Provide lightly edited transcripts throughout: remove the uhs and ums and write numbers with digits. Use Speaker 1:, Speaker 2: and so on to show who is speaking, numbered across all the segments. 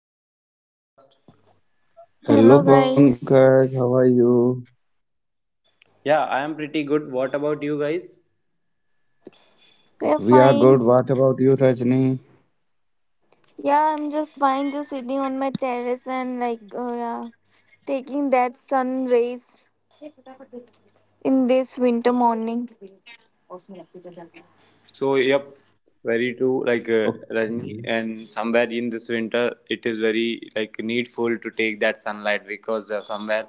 Speaker 1: Hello Bhunesh. Welcome to the podcast.
Speaker 2: Hello
Speaker 3: Hello guys,
Speaker 2: Pankaj, how are you?
Speaker 1: Yeah, I am pretty good. What about you guys?
Speaker 3: we're
Speaker 2: We are
Speaker 3: fine.
Speaker 2: good. What about you, Rajni?
Speaker 3: Yeah, I'm just fine, just sitting on my terrace and like, oh yeah, taking that sun rays in this winter morning.
Speaker 1: So yep, very true. Like Rajni,
Speaker 2: Okay.
Speaker 1: and somewhere in this winter, it is very like needful to take that sunlight because somewhere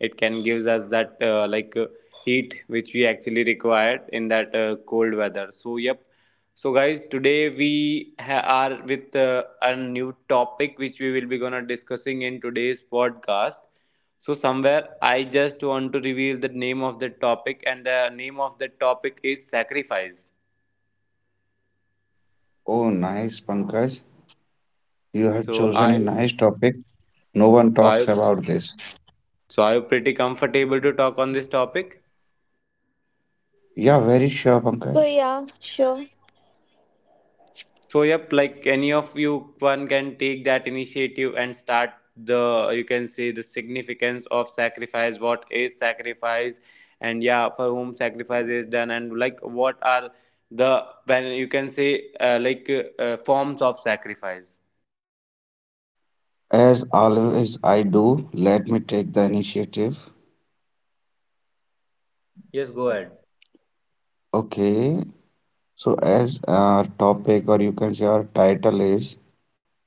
Speaker 1: it can gives us that heat which we actually required in that cold weather. So yep. So guys, today we are with a new topic which we will be gonna discussing in today's podcast. So somewhere I just want to reveal the name of the topic, and the name of the topic is sacrifice.
Speaker 2: Oh, nice, Pankaj. You have
Speaker 1: So
Speaker 2: chosen a
Speaker 1: I,
Speaker 2: nice topic. No one
Speaker 1: so
Speaker 2: talks
Speaker 1: I,
Speaker 2: about this.
Speaker 1: so I'm pretty comfortable to talk on this topic?
Speaker 2: Yeah, very sure,
Speaker 3: So
Speaker 2: Pankaj.
Speaker 3: yeah, sure.
Speaker 1: So yep, like any of you one can take that initiative and start the you can say the significance of sacrifice, what is sacrifice, and yeah, for whom sacrifice is done, and like what are the when you can say forms of sacrifice.
Speaker 2: As always, I do. Let me take the initiative.
Speaker 1: Yes, go ahead.
Speaker 2: Okay. So, as our topic, or you can say our title is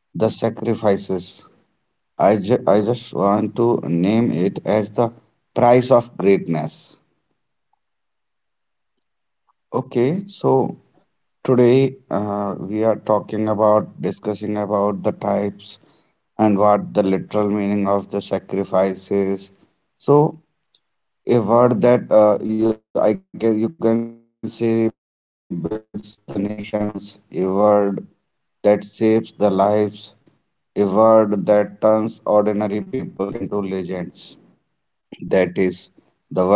Speaker 2: The Sacrifices. I just want to name it as the price of greatness. Okay, so
Speaker 1: Nice.
Speaker 2: today, we are talking about discussing about the types and what the literal meaning of the sacrifice is. So, a word that you can say builds the nations, a word that saves the lives, a word that turns ordinary people into legends. That is, the word is sacrifice.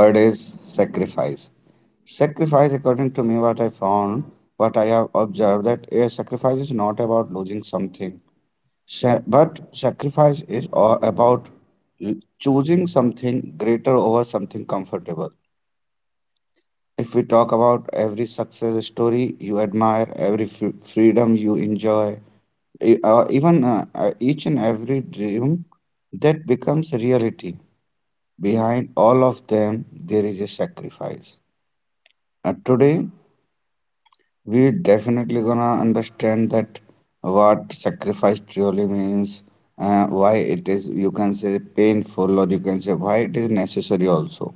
Speaker 2: Sacrifice, according to me, what I found, what I have observed, that a sacrifice is not about losing something. But sacrifice is all about choosing something greater over something comfortable. If we talk about every success story you admire, every freedom you enjoy, or even each and every dream that becomes reality, behind all of them there is a sacrifice. Today, we definitely gonna understand that what sacrifice truly means, why it is, you can say, painful, or you can say why it is necessary also,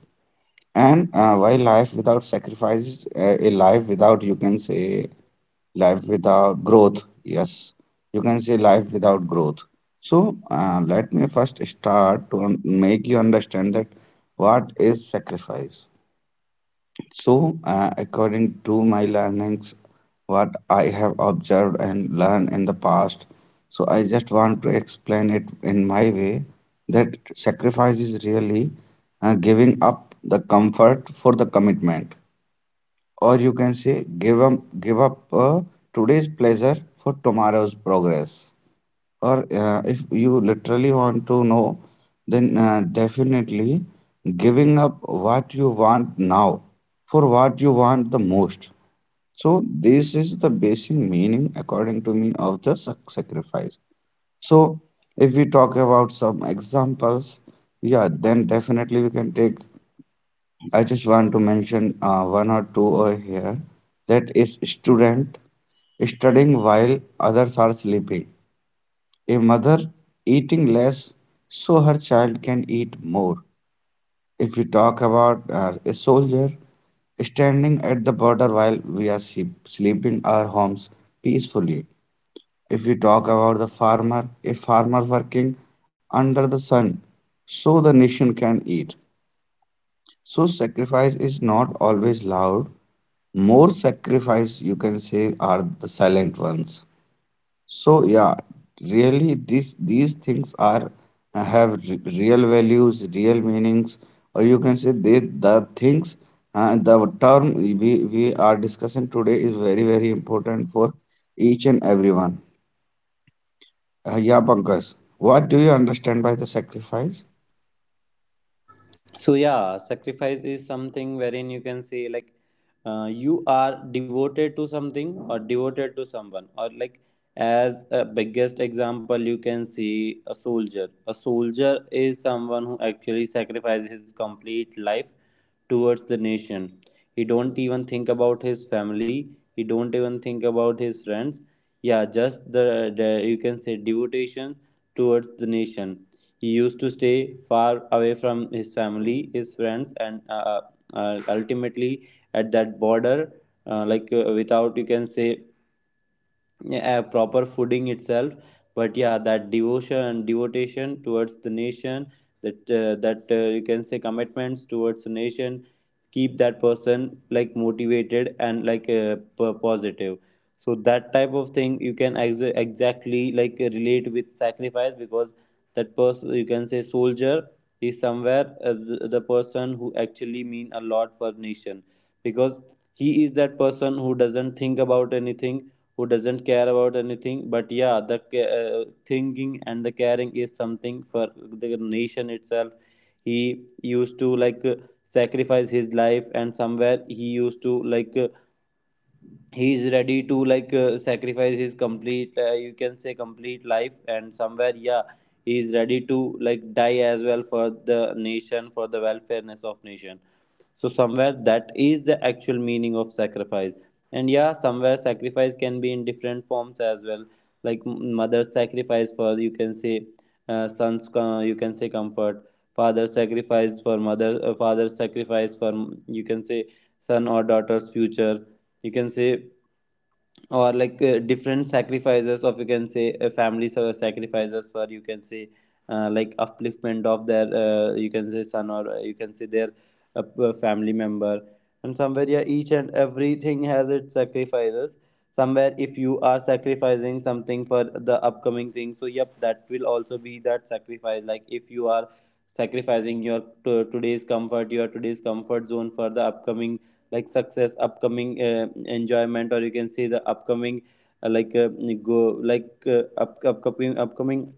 Speaker 2: and why life without sacrifice is, a life without, you can say, life without growth, yes, you can say life without growth. So let me first start to make you understand that what is sacrifice. So, according to my learnings, what I have observed and learned in the past, so I just want to explain it in my way, that sacrifice is really, giving up the comfort for the commitment, or you can say give up today's pleasure for tomorrow's progress. Or if you literally want to know, then definitely, giving up what you want now for what you want the most. So this is the basic meaning according to me of the sacrifice. So if we talk about some examples, yeah, then definitely we can take, I just want to mention one or two over here. That is, student studying while others are sleeping, a mother eating less so her child can eat more. If we talk about a soldier standing at the border while we are sleeping our homes peacefully. If we talk about the farmer, a farmer working under the sun so the nation can eat. So sacrifice is not always loud. More sacrifice, you can say, are the silent ones. So yeah, really this these things are, real values, real meanings, or you can say they, the things, the term we are discussing today is very very important for each and everyone. Yeah, Pankaj, what do you understand by the sacrifice?
Speaker 1: So yeah, sacrifice is something wherein you can say like you are devoted to something or devoted to someone or like as a biggest example you can see a soldier is someone who actually sacrifices his complete life towards the nation. He don't even think about his family. He don't even think about his friends. Yeah, just the you can say devotion towards the nation. He used to stay far away from his family, his friends, and ultimately at that border, without you can say yeah, a proper fooding itself. But yeah, that devotion towards the nation, that you can say commitments towards the nation keep that person like motivated and like positive. So that type of thing you can exactly like relate with sacrifice because that person you can say soldier is somewhere the person who actually mean a lot for nation, because he is that person who doesn't think about anything, who doesn't care about anything, but yeah the uh, thinking and the caring is something for the nation itself. He used to like sacrifice his life, and somewhere he used to like he is ready to like sacrifice his complete you can say complete life, and somewhere yeah he is ready to like die as well for the nation, for the welfareness of nation. So somewhere that is the actual meaning of sacrifice. And yeah, somewhere sacrifice can be in different forms as well. Like mother's sacrifice for you can say you can say comfort. Father's sacrifice for mother. Father's sacrifice for mm, you can say son or daughter's future. You can say or like different sacrifices of you can say families or sacrifices for you can say like upliftment of their you can say son or you can say their family member. And somewhere yeah each and everything has its sacrifices. Somewhere if you are sacrificing something for the upcoming thing, so yep, that will also be that sacrifice. Like if you are sacrificing your to today's comfort, your today's comfort zone for the upcoming like success, upcoming enjoyment, or you can see the upcoming uh, like uh, upcoming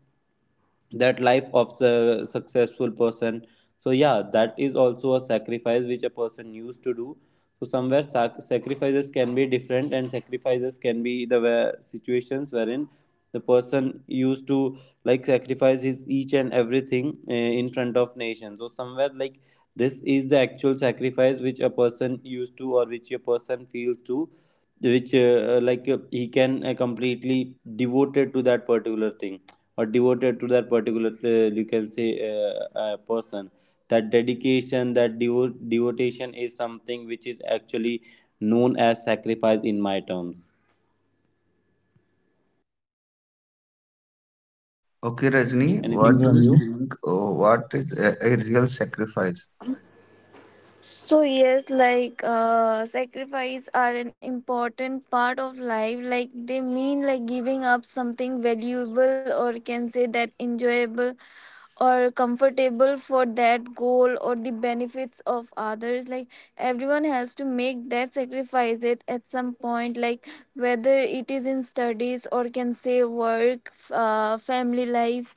Speaker 1: that life of a successful person. So yeah, that is also a sacrifice which a person used to do. So somewhere sacrifices can be different, and sacrifices can be the where situations wherein the person used to like sacrifice his each and everything in front of nation. So somewhere like this is the actual sacrifice which a person used to, or which a person feels to, which he can completely devoted to that particular thing, or devoted to that particular you can say person. That dedication, that devotion is something which is actually known as sacrifice in my terms. Yes
Speaker 2: Okay,
Speaker 1: Rajni,
Speaker 2: Rajni,
Speaker 1: anything
Speaker 2: what do
Speaker 1: from
Speaker 2: you
Speaker 1: you?
Speaker 2: think? What is a real sacrifice?
Speaker 3: So yes, sacrifice are an important part of life. Like they mean like giving up something valuable or can say that enjoyable or comfortable for that goal or the benefits of others like everyone has to make that sacrifice it at some point like whether it is in studies or can say work family life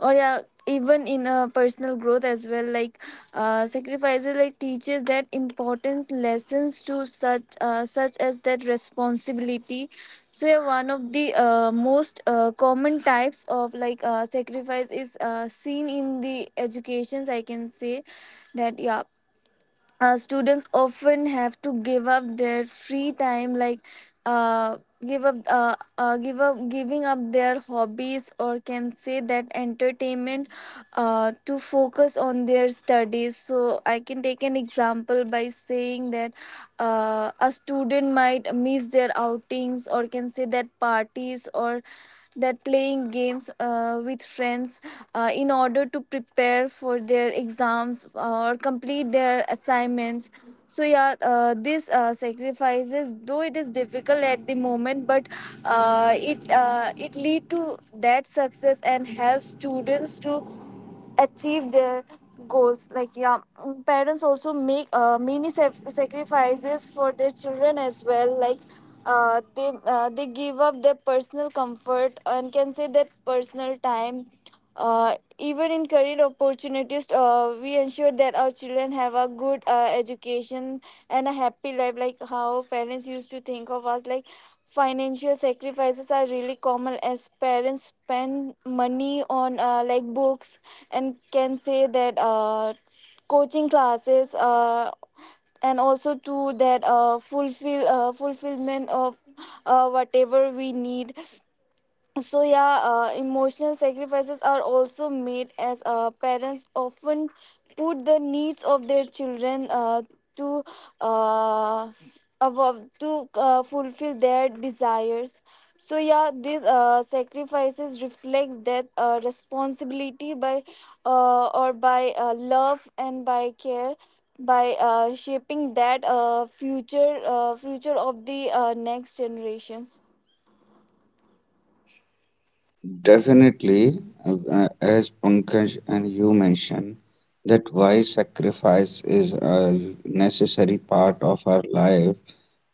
Speaker 3: or yeah even in personal growth as well like sacrifices like teaches that importance lessons to such such as that responsibility. So yeah, one of the most common types of sacrifice is seen in the educations I can say. That yeah, students often have to give up their free time like uh, give up giving up their hobbies or can say that entertainment, to focus on their studies. So I can take an example by saying that a student might miss their outings or can say that parties or that playing games with friends in order to prepare for their exams or complete their assignments. So yeah, this sacrifices though it is difficult at the moment, but it lead to that success and helps students to achieve their goals. Like yeah, parents also make many sacrifices for their children as well. Like they give up their personal comfort and can say that personal time, even in career opportunities, we ensure that our children have a good education and a happy life, like how parents used to think of us. Like financial sacrifices are really common as parents spend money on like books and can say that coaching classes, and also to that fulfillment of whatever we need. So yeah, emotional sacrifices are also made as parents often put the needs of their children to uh, above to fulfill their desires. So yeah, these sacrifices reflects that responsibility by love and by care, by shaping that future of the next generations.
Speaker 2: Definitely, as Pankaj and you mentioned, that why sacrifice is a necessary part of our life,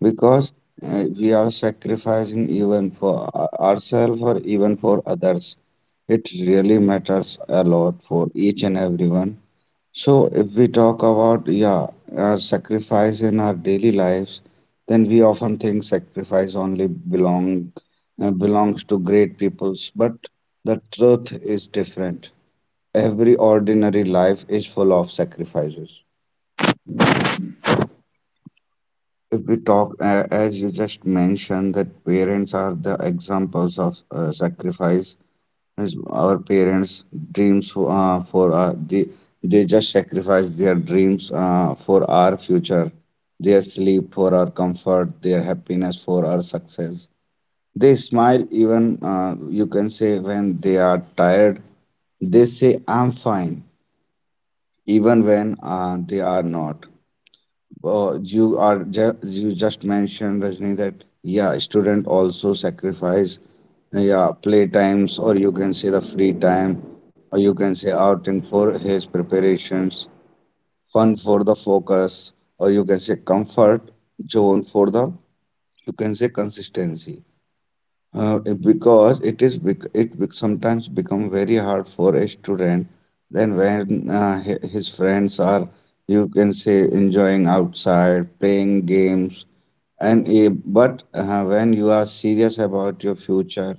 Speaker 2: because we are sacrificing even for ourselves or even for others. It really matters a lot for each and everyone. So, if we talk about, yeah, sacrifice in our daily lives, then we often think sacrifice only belongs to great peoples, but the truth is different. Every ordinary life is full of sacrifices. If we talk, as you just mentioned, that parents are the examples of sacrifice. As our parents' dreams they just sacrifice their dreams for our future, their sleep for our comfort, their happiness for our success. They smile even, you can say, when they are tired. They say I'm fine even when they are not. You just mentioned, Rajni, that yeah, student also sacrifice, yeah, play times, or you can say the free time, or you can say outing for his preparations, fun for the focus, or you can say comfort zone for the, you can say, consistency. Because it is sometimes become very hard for a student, then when his friends are, you can say, enjoying outside playing games and but when you are serious about your future,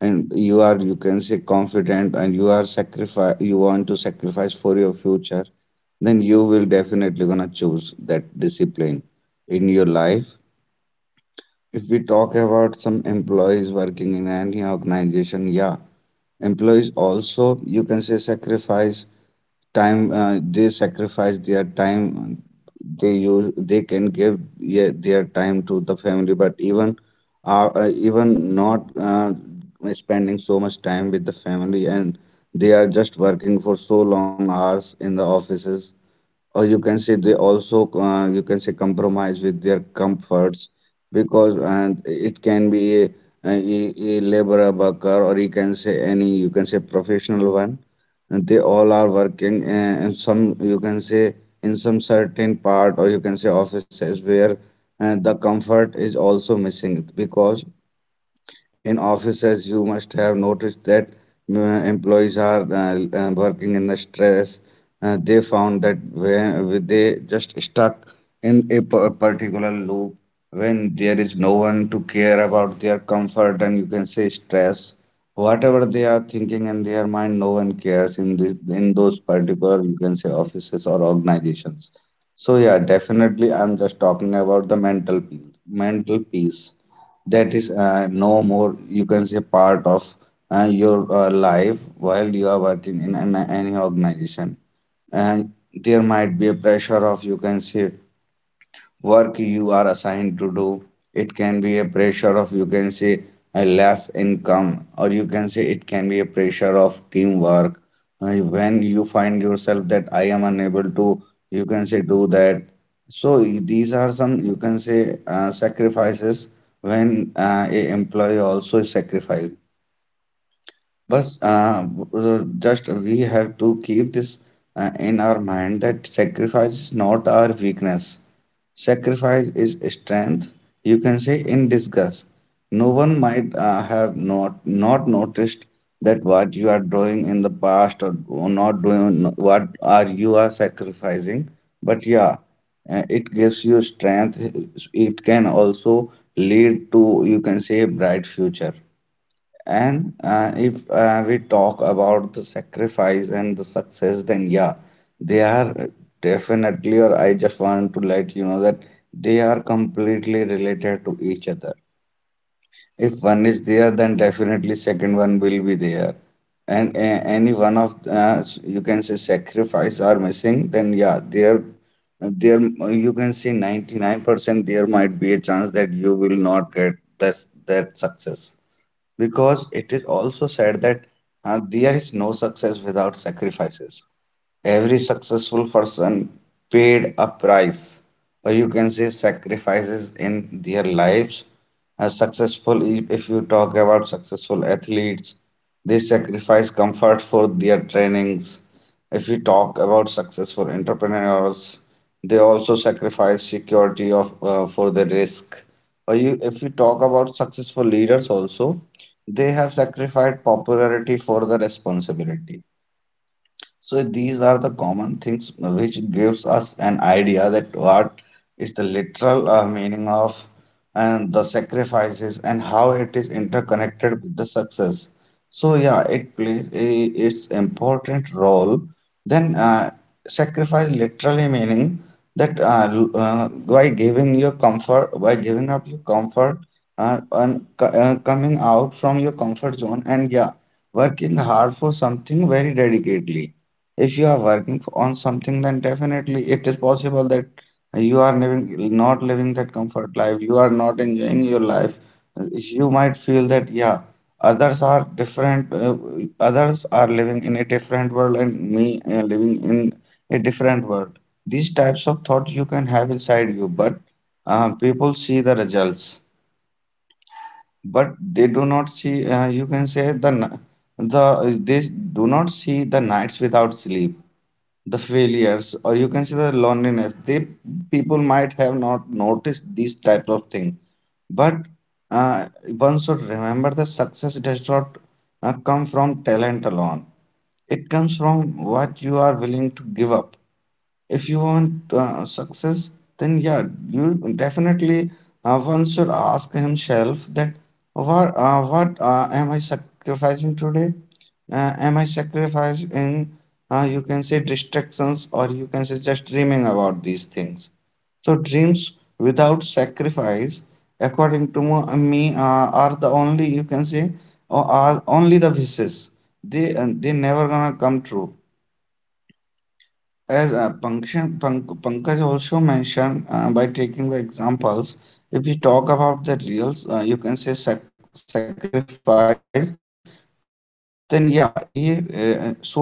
Speaker 2: and you are, you can say, confident, and you want to sacrifice for your future, then you will definitely gonna choose that discipline in your life. If we talk about some employees working in any organization, yeah, employees also, you can say, sacrifice time. They sacrifice their time. They use, they can give, yeah, their time to the family, but even, even not, spending so much time with the family, and they are just working for so long hours in the offices, or you can say they also, you can say, compromise with their comforts. Because, and it can be a laborer worker, or you can say any, you can say, professional one, and they all are working, and some, you can say, in some certain part, or you can say offices where the comfort is also missing. Because in offices you must have noticed that employees are working in the stress. They found that when they just stuck in a particular loop, when there is no one to care about their comfort and, you can say, stress, whatever they are thinking in their mind, no one cares in in those particular, you can say, offices or organizations. So yeah, definitely, I'm just talking about the mental peace that is, no more, you can say, part of your life while you are working in an, any organization. And there might be a pressure of, you can say, work you are assigned to do. It can be a pressure of, you can say, a less income, or you can say it can be a pressure of teamwork. When you find yourself that I am unable to, you can say, do that. So these are some, you can say, sacrifices when a employee also is sacrificed. But just we have to keep this in our mind, that sacrifice is not our weakness. Sacrifice is strength, you can say, in disguise. No one might have not noticed that what you are doing in the past, or not doing, what are you are sacrificing. But yeah, it gives you strength. It can also lead to, you can say, bright future. And if we talk about the sacrifice and the success, then yeah, they are definitely, or I just want to let you know that they are completely related to each other. If one is there, then definitely second one will be there. And any one of you can say sacrifice are missing, then yeah, there, you can say, 99% there might be a chance that you will not get this that success. Because it is also said that there is no success without sacrifices. Every successful person paid a price, or you can say sacrifices in their lives. A successful, if you talk about successful athletes, they sacrifice comfort for their trainings. If we talk about successful entrepreneurs, they also sacrifice security of, for the risk. Or you, if we talk about successful leaders also, they have sacrificed popularity for the responsibility. So these are the common things which gives us an idea that what is the literal meaning of and the sacrifices and how it is interconnected with the success. So yeah, it plays a its important role. Then sacrifice literally meaning that by by giving up your comfort, and coming out from your comfort zone, and yeah, working hard for something very dedicatedly. If you are working on something, then definitely it is possible that you are living not living that comfort life, you are not enjoying your life. You might feel that yeah, others are different, others are living in a different world, and me, living in a different world. These types of thoughts you can have inside you. But people see the results, but they do not see, you can say, the they do not see the nights without sleep, the failures, or you can say the loneliness. They People might have not noticed these types of things. But uh, one should remember that success does not come from talent alone. It comes from what you are willing to give up. If you want, success, then yeah, you definitely, one should ask himself that what am I sacrificing today? Am I sacrificing you can say distractions, or you can say just dreaming about these things. So dreams without sacrifice, according to me, are the only you can say, or are only the wishes. They never gonna come true as Pankaj also mentioned, by taking the examples. If we talk about the reals, you can say sacrifice, then yeah, soldier is, you can say,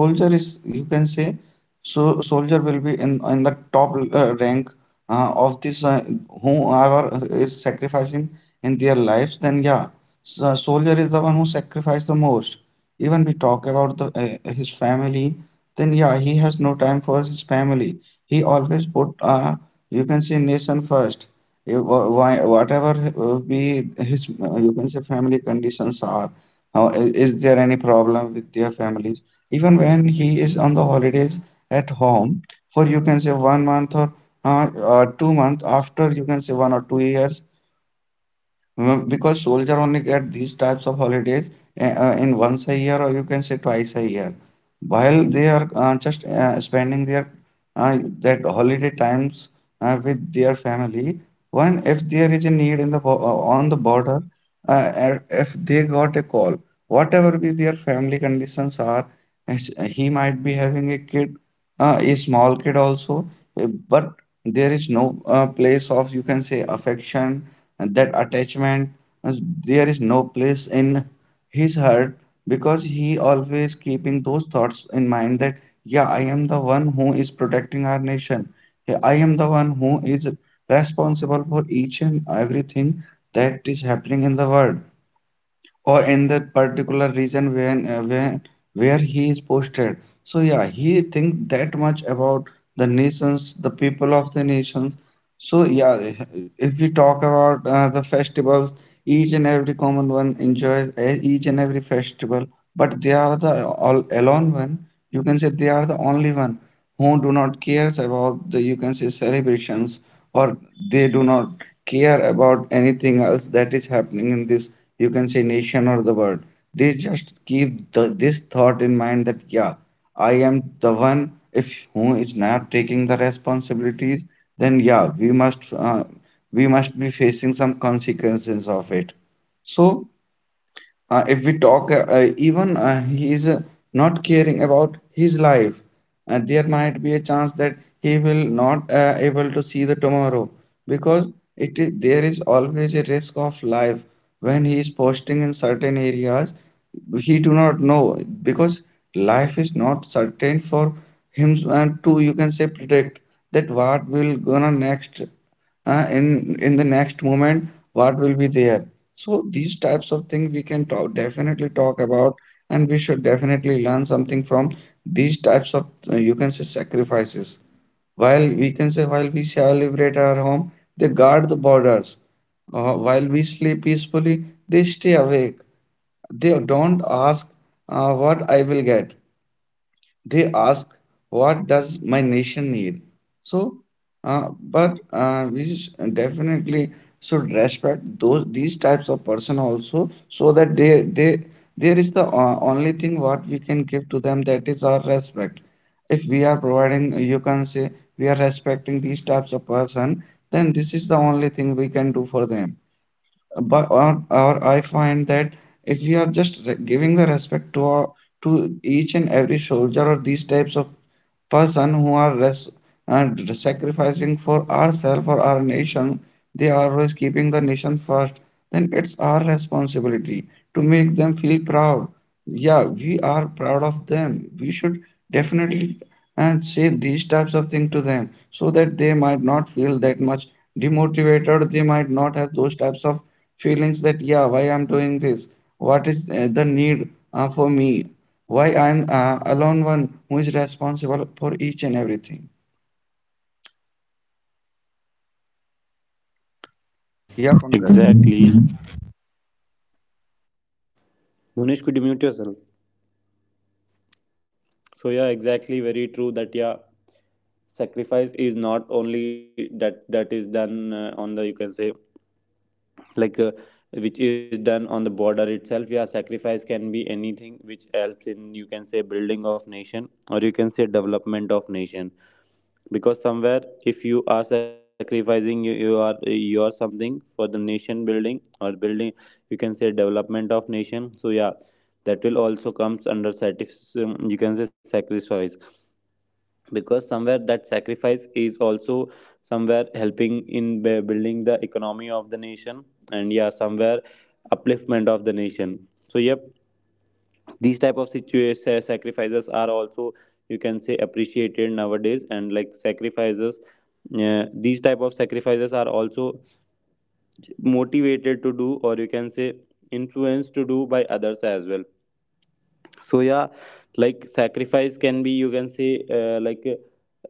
Speaker 2: so soldier will be in the top rank of this, whoever is sacrificing in their lives, then yeah, so soldier is the one who sacrificed the most. Even we talk about his family, then yeah, he has no time for his family. He always put you can say nation first. Whatever be his, you can say, family conditions are, how is there any problem with their families, even when he is on the holidays at home for you can say 1 month, or uh, 2 months, after you can say 1 or 2 years. Because soldier only get these types of holidays in once a year, or you can say twice a year, while they are just spending their that holiday times with their family. When if there is a need in the on the border, and if they got a call, whatever be their family conditions are, as- he might be having a kid, a small kid also. uh, but there is no place of you can say affection and that attachment. uh, there is no place in his heart, because he always keeping those thoughts in mind that, yeah, I am the one who is protecting our nation. Yeah, I am the one who is responsible for each and everything that is happening in the world, or in that particular region when where he is posted. So yeah, he thinks that much about the nations, the people of the nations. So yeah, if we talk about the festivals, each and every common one enjoys each and every festival, but they are the all alone one, you can say they are the only one who do not cares about the you can say celebrations, or they do not care about anything else that is happening in this you can say nation or the world. They just keep this thought in mind that, yeah, I am the one if who is not taking the responsibilities, then yeah, we must be facing some consequences of it. So if we talk, even he is not caring about his life, there might be a chance that he will not able to see the tomorrow, because it is there is always a risk of life when he is posting in certain areas. He do not know because life is not certain for him, and to you can say predict that what will gonna next, in the next moment what will be there. So these types of things we can talk, definitely talk about, and we should definitely learn something from these types of you can say sacrifices. While we can say while we celebrate our home, they guard the borders. While we sleep peacefully, they stay awake. They don't ask what I will get, they ask what does my nation need. So but we definitely should respect those these types of person also, so that they there is the only thing what we can give to them, that is our respect. If we are providing you can say we are respecting these types of person, then this is the only thing we can do for them. But or I find that if we are just giving the respect to our, to each and every soldier, or these types of person who are and sacrificing for ourselves or our nation, they are always keeping the nation first, then it's our responsibility to make them feel proud. Yeah, we are proud of them, we should definitely and say these types of things to them so that they might not feel that much demotivated, they might not have those types of feelings that, yeah, why I'm doing this, what is the need for me, why I'm alone one who is responsible for each and everything. Yeah, Pankaj.
Speaker 1: Exactly. Munish, could you mute yourself? So yeah, exactly, very true. That yeah, sacrifice is not only that that is done on the you can say like uh, which is done on the border itself. Yeah, sacrifice can be anything which helps in you can say building of nation or you can say development of nation, because somewhere if you are sacrificing you are something for the nation building or building you can say development of nation. So yeah, that will also comes under you can say sacrifice, because somewhere that sacrifice is also somewhere helping in building the economy of the nation, and yeah somewhere upliftment of the nation. So yep, these type of situations sacrifices are also you can say appreciated nowadays, and like sacrifices, yeah, these type of sacrifices are also motivated to do or you can say influenced to do by others as well. So yeah, like sacrifice can be you can say uh, like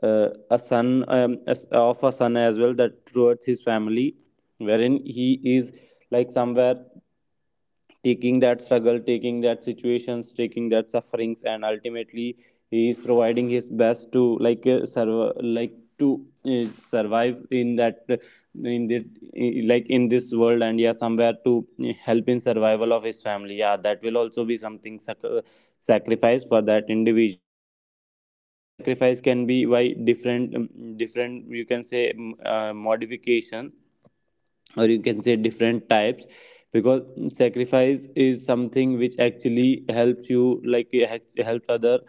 Speaker 1: uh, a son of a son as well that towards his family, wherein he is like somewhere taking that struggle, taking that situations, taking that sufferings, and ultimately he is providing his best to like serve, like to survive in that in this like in this world, and yeah somewhere to help in survival of his family. Yeah, that will also be something sacrifice for that individual. Or you can say sacrifice can be by different different you can say modification, or you can say different types, because sacrifice is something which actually helps you like it helps other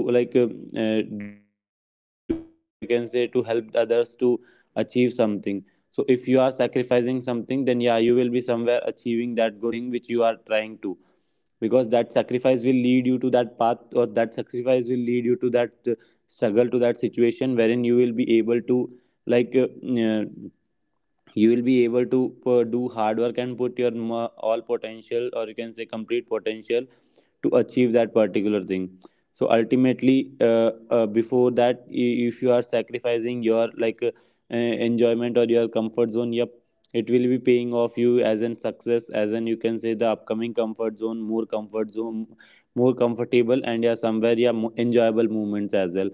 Speaker 1: to like do something, or you can say to help others to achieve something. So if you are sacrificing something, then yeah, you will be somewhere achieving that good thing which you are trying to, because that sacrifice will lead you to that path, or that sacrifice will lead you to that struggle, to that situation wherein you will be able to like uh, you will be able to do hard work and put your all potential or you can say complete potential to achieve that particular thing. So ultimately before that if you are sacrificing your like enjoyment or your comfort zone, yep, it will be paying off you as an success, as an you can say the upcoming comfort zone, more comfort zone, more comfortable, and yeah somewhere yeah enjoyable movements as well.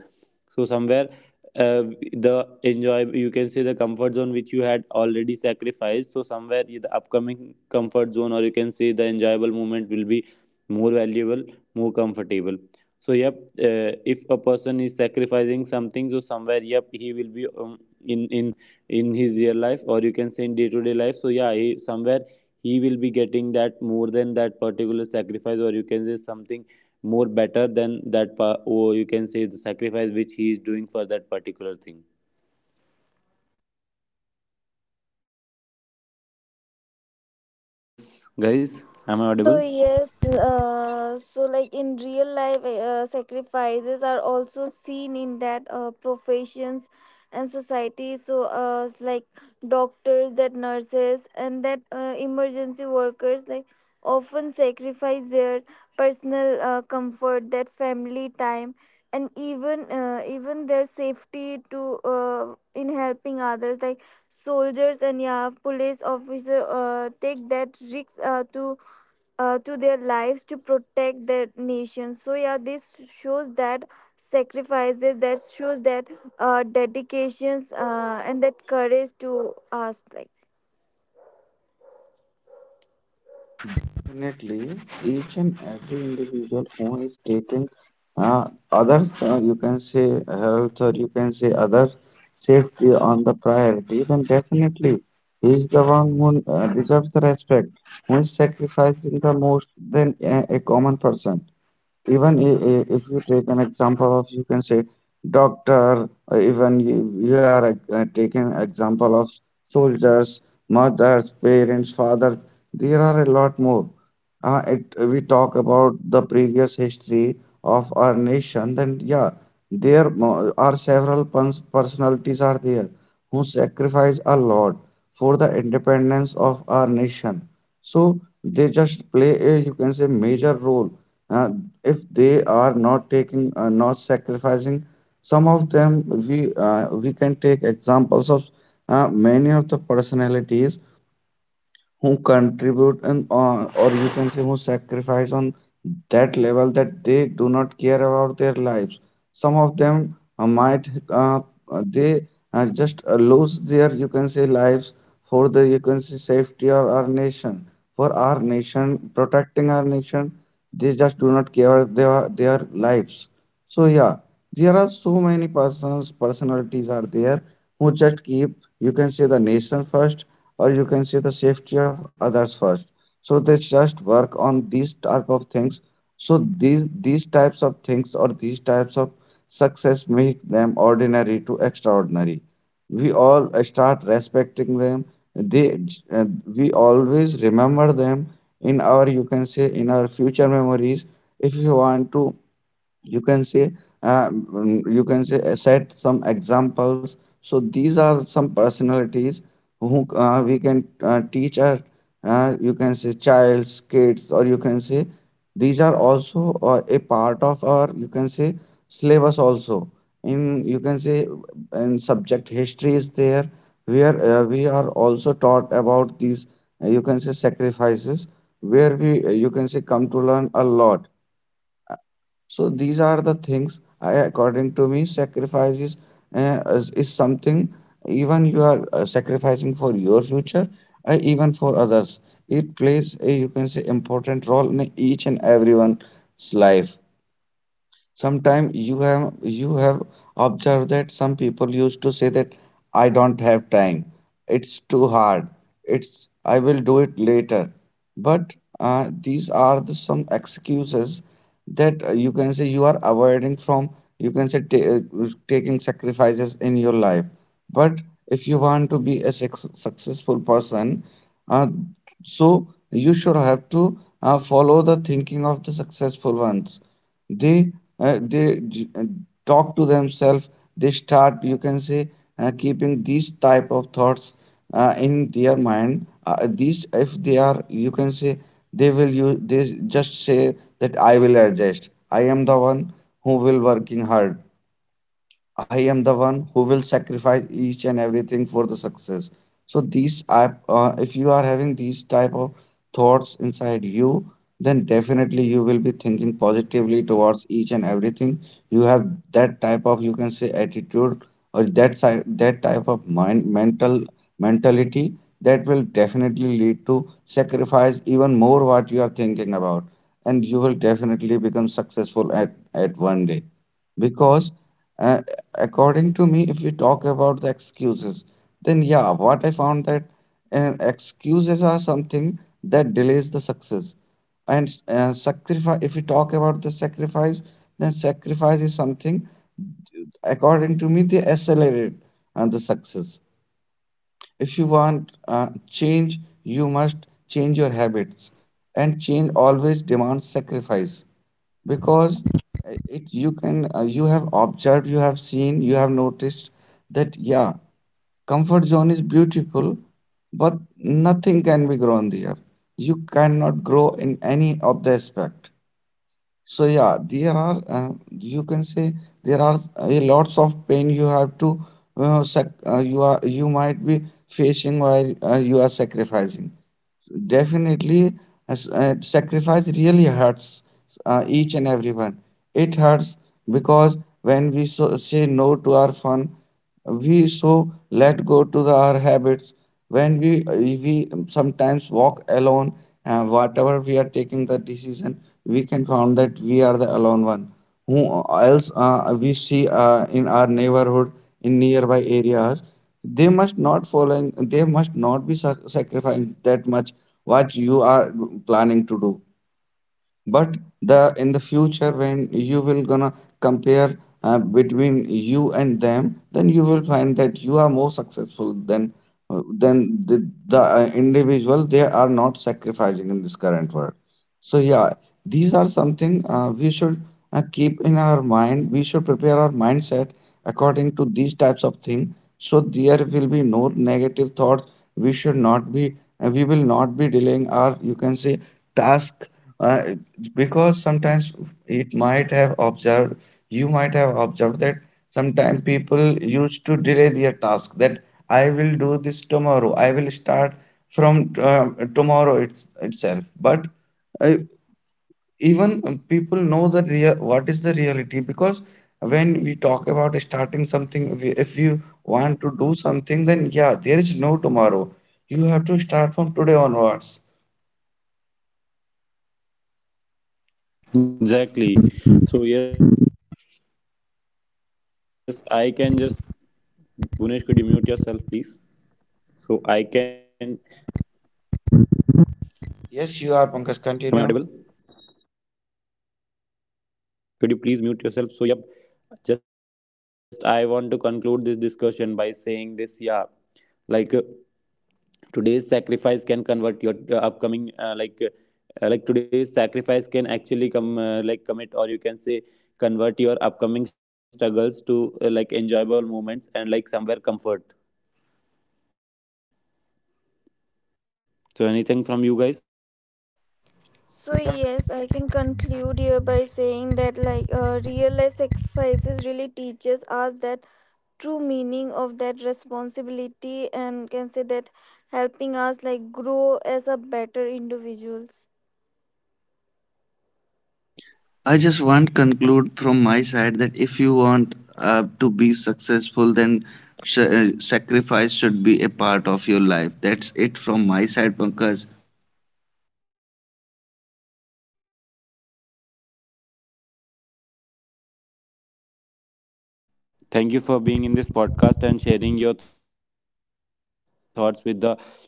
Speaker 1: So somewhere uh, the enjoy you can say the comfort zone which you had already sacrificed, so somewhere yeah, the upcoming comfort zone or you can say the enjoyable moment will be more valuable, more comfortable. So yep, if a person is sacrificing something, so somewhere yep he will be in in in his real life or you can say in day to day life, so yeah he, somewhere he will be getting that more than that particular sacrifice, or you can say something more better than that or you can say the sacrifice which he is doing for that particular thing. Yes guys, am I audible?
Speaker 3: So yes, so like in real life, sacrifices are also seen in that professions and society. So like doctors, that nurses, and that emergency workers, like often sacrifice their personal comfort, that family time, and even their safety to in helping others. Like soldiers and yeah, police officer take that risk to their lives to protect their nation. So yeah, this shows that sacrifices, that shows that dedications and that courage to us. Like
Speaker 2: Definitely, each and every individual who is taking uh, others, you can say health, or you can say other safety, on the priority, then definitely he is the one who deserves the respect, who is sacrificing the most than a common person. Even if you take an example of you can say doctor, or even you, you are taking example of soldiers, mothers, parents, fathers, there are a lot more. It we talk about the previous history of our nation, then yeah, there are several personalities are there who sacrifice a lot for the independence of our nation. So they just play a you can say major role. uh, if they are not taking not sacrificing, some of them, we can take examples of many of the personalities who contribute and or you can say who sacrifice on that level that they do not care about their lives. Some of them might they just lose their you can say lives for the you can say safety or our nation, for our nation, protecting our nation, they just do not care their lives. So yeah, there are so many persons personalities are there who just keep you can say the nation first, or you can say the safety of others first. So they just work on these type of things. So these types of things, or these types of success, make them ordinary to extraordinary. We all start respecting them. They uh, we always remember them in our you can say in our future memories. If you want to you can say you can say set some examples, so these are some personalities who we can teach our you can say childs, kids, or you can say these are also a part of our you can say syllabus also, in you can say in subject history is there, where we are also taught about these you can say sacrifices, where we you can say come to learn a lot. So these are the things, I, according to me, sacrifices is something. Even you are sacrificing for your future, even for others. It plays a you can say important role in each and everyone's life. Sometimes you have observed that some people used to say that I don't have time. It's too hard. It's I will do it later. But these are the some excuses that you can say you are avoiding from. You can say taking sacrifices in your life. But if you want to be a successful person, uh, so you should have to follow the thinking of the successful ones. they uh, they j- uh, Talk to themselves, they start you can say keeping these type of thoughts in their mind. These if they are you can say, they will you they just say that, I will adjust, I am the one who will working hard, I am the one who will sacrifice each and everything for the success. So these are, if you are having these type of thoughts inside you, then definitely you will be thinking positively towards each and everything. You have that type of you can say attitude, or that side, that type of mind mental mentality, that will definitely lead to sacrifice even more what you are thinking about, and you will definitely become successful at one day, because uh, according to me, if we talk about the excuses, then yeah, what I found that excuses are something that delays the success, and sacrifice, if we talk about the sacrifice, then sacrifice is something, according to me, they accelerate the success. If you want change, you must change your habits, and change always demands sacrifice, because it you can you have observed, you have seen, you have noticed that, yeah, comfort zone is beautiful, but nothing can be grown there. You cannot grow in any of the aspect. So yeah, there are you can say there are a lots of pain you have to you are you might be facing while you are sacrificing. Definitely, sacrifice really hurts each and everyone. It hurts because when say no to our fun, we so let go to our habits, when we sometimes walk alone, and whatever we are taking the decision, we can found that we are the alone one who else. We see in our neighborhood, in nearby areas, they must not following, they must not be sacrificing that much what you are planning to do. But the in the future when you will gonna compare between you and them, then you will find that you are more successful than the individual they are not sacrificing in this current world. So yeah, these are something we should keep in our mind, we should prepare our mindset according to these types of things. So there will be no negative thoughts, we should not be we will not be delaying our you can say task. uh, because sometimes it might have observed, you might have observed that sometimes people used to delay their task that, I will do this tomorrow, I will start from tomorrow it's, itself. But uh, even people know the real what is the reality, because when we talk about starting something, if you want to do something, then yeah, there is no tomorrow, you have to start from today onwards.
Speaker 1: Exactly. So yes, I can just, Bhunesh, could you mute yourself, please? So I can. Am I audible?
Speaker 2: Yes, you are, Pankaj, continue.
Speaker 1: Could you please mute yourself? So, yep, just I want to conclude this discussion by saying this, yeah, like today's sacrifice can convert your upcoming, like today's sacrifice can actually come, like, commit or you can say convert your upcoming struggles to like enjoyable moments and like somewhere comfort. So, anything from you guys?
Speaker 3: so, yes, I can conclude here by saying that like real life sacrifices really teaches us that true meaning of that responsibility and can say that helping us like grow as a better individuals.
Speaker 2: I just want conclude from my side that if you want to be successful, then sacrifice should be a part of your life. That's it from my side, Pankaj.
Speaker 1: Thank, thank you for being in this podcast and sharing your thoughts with the audience, guys. Goodbye. Thank you.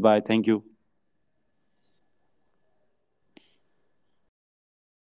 Speaker 2: Thank you, Pankaj. Thank you for having us on your show and let us share our thoughts over here.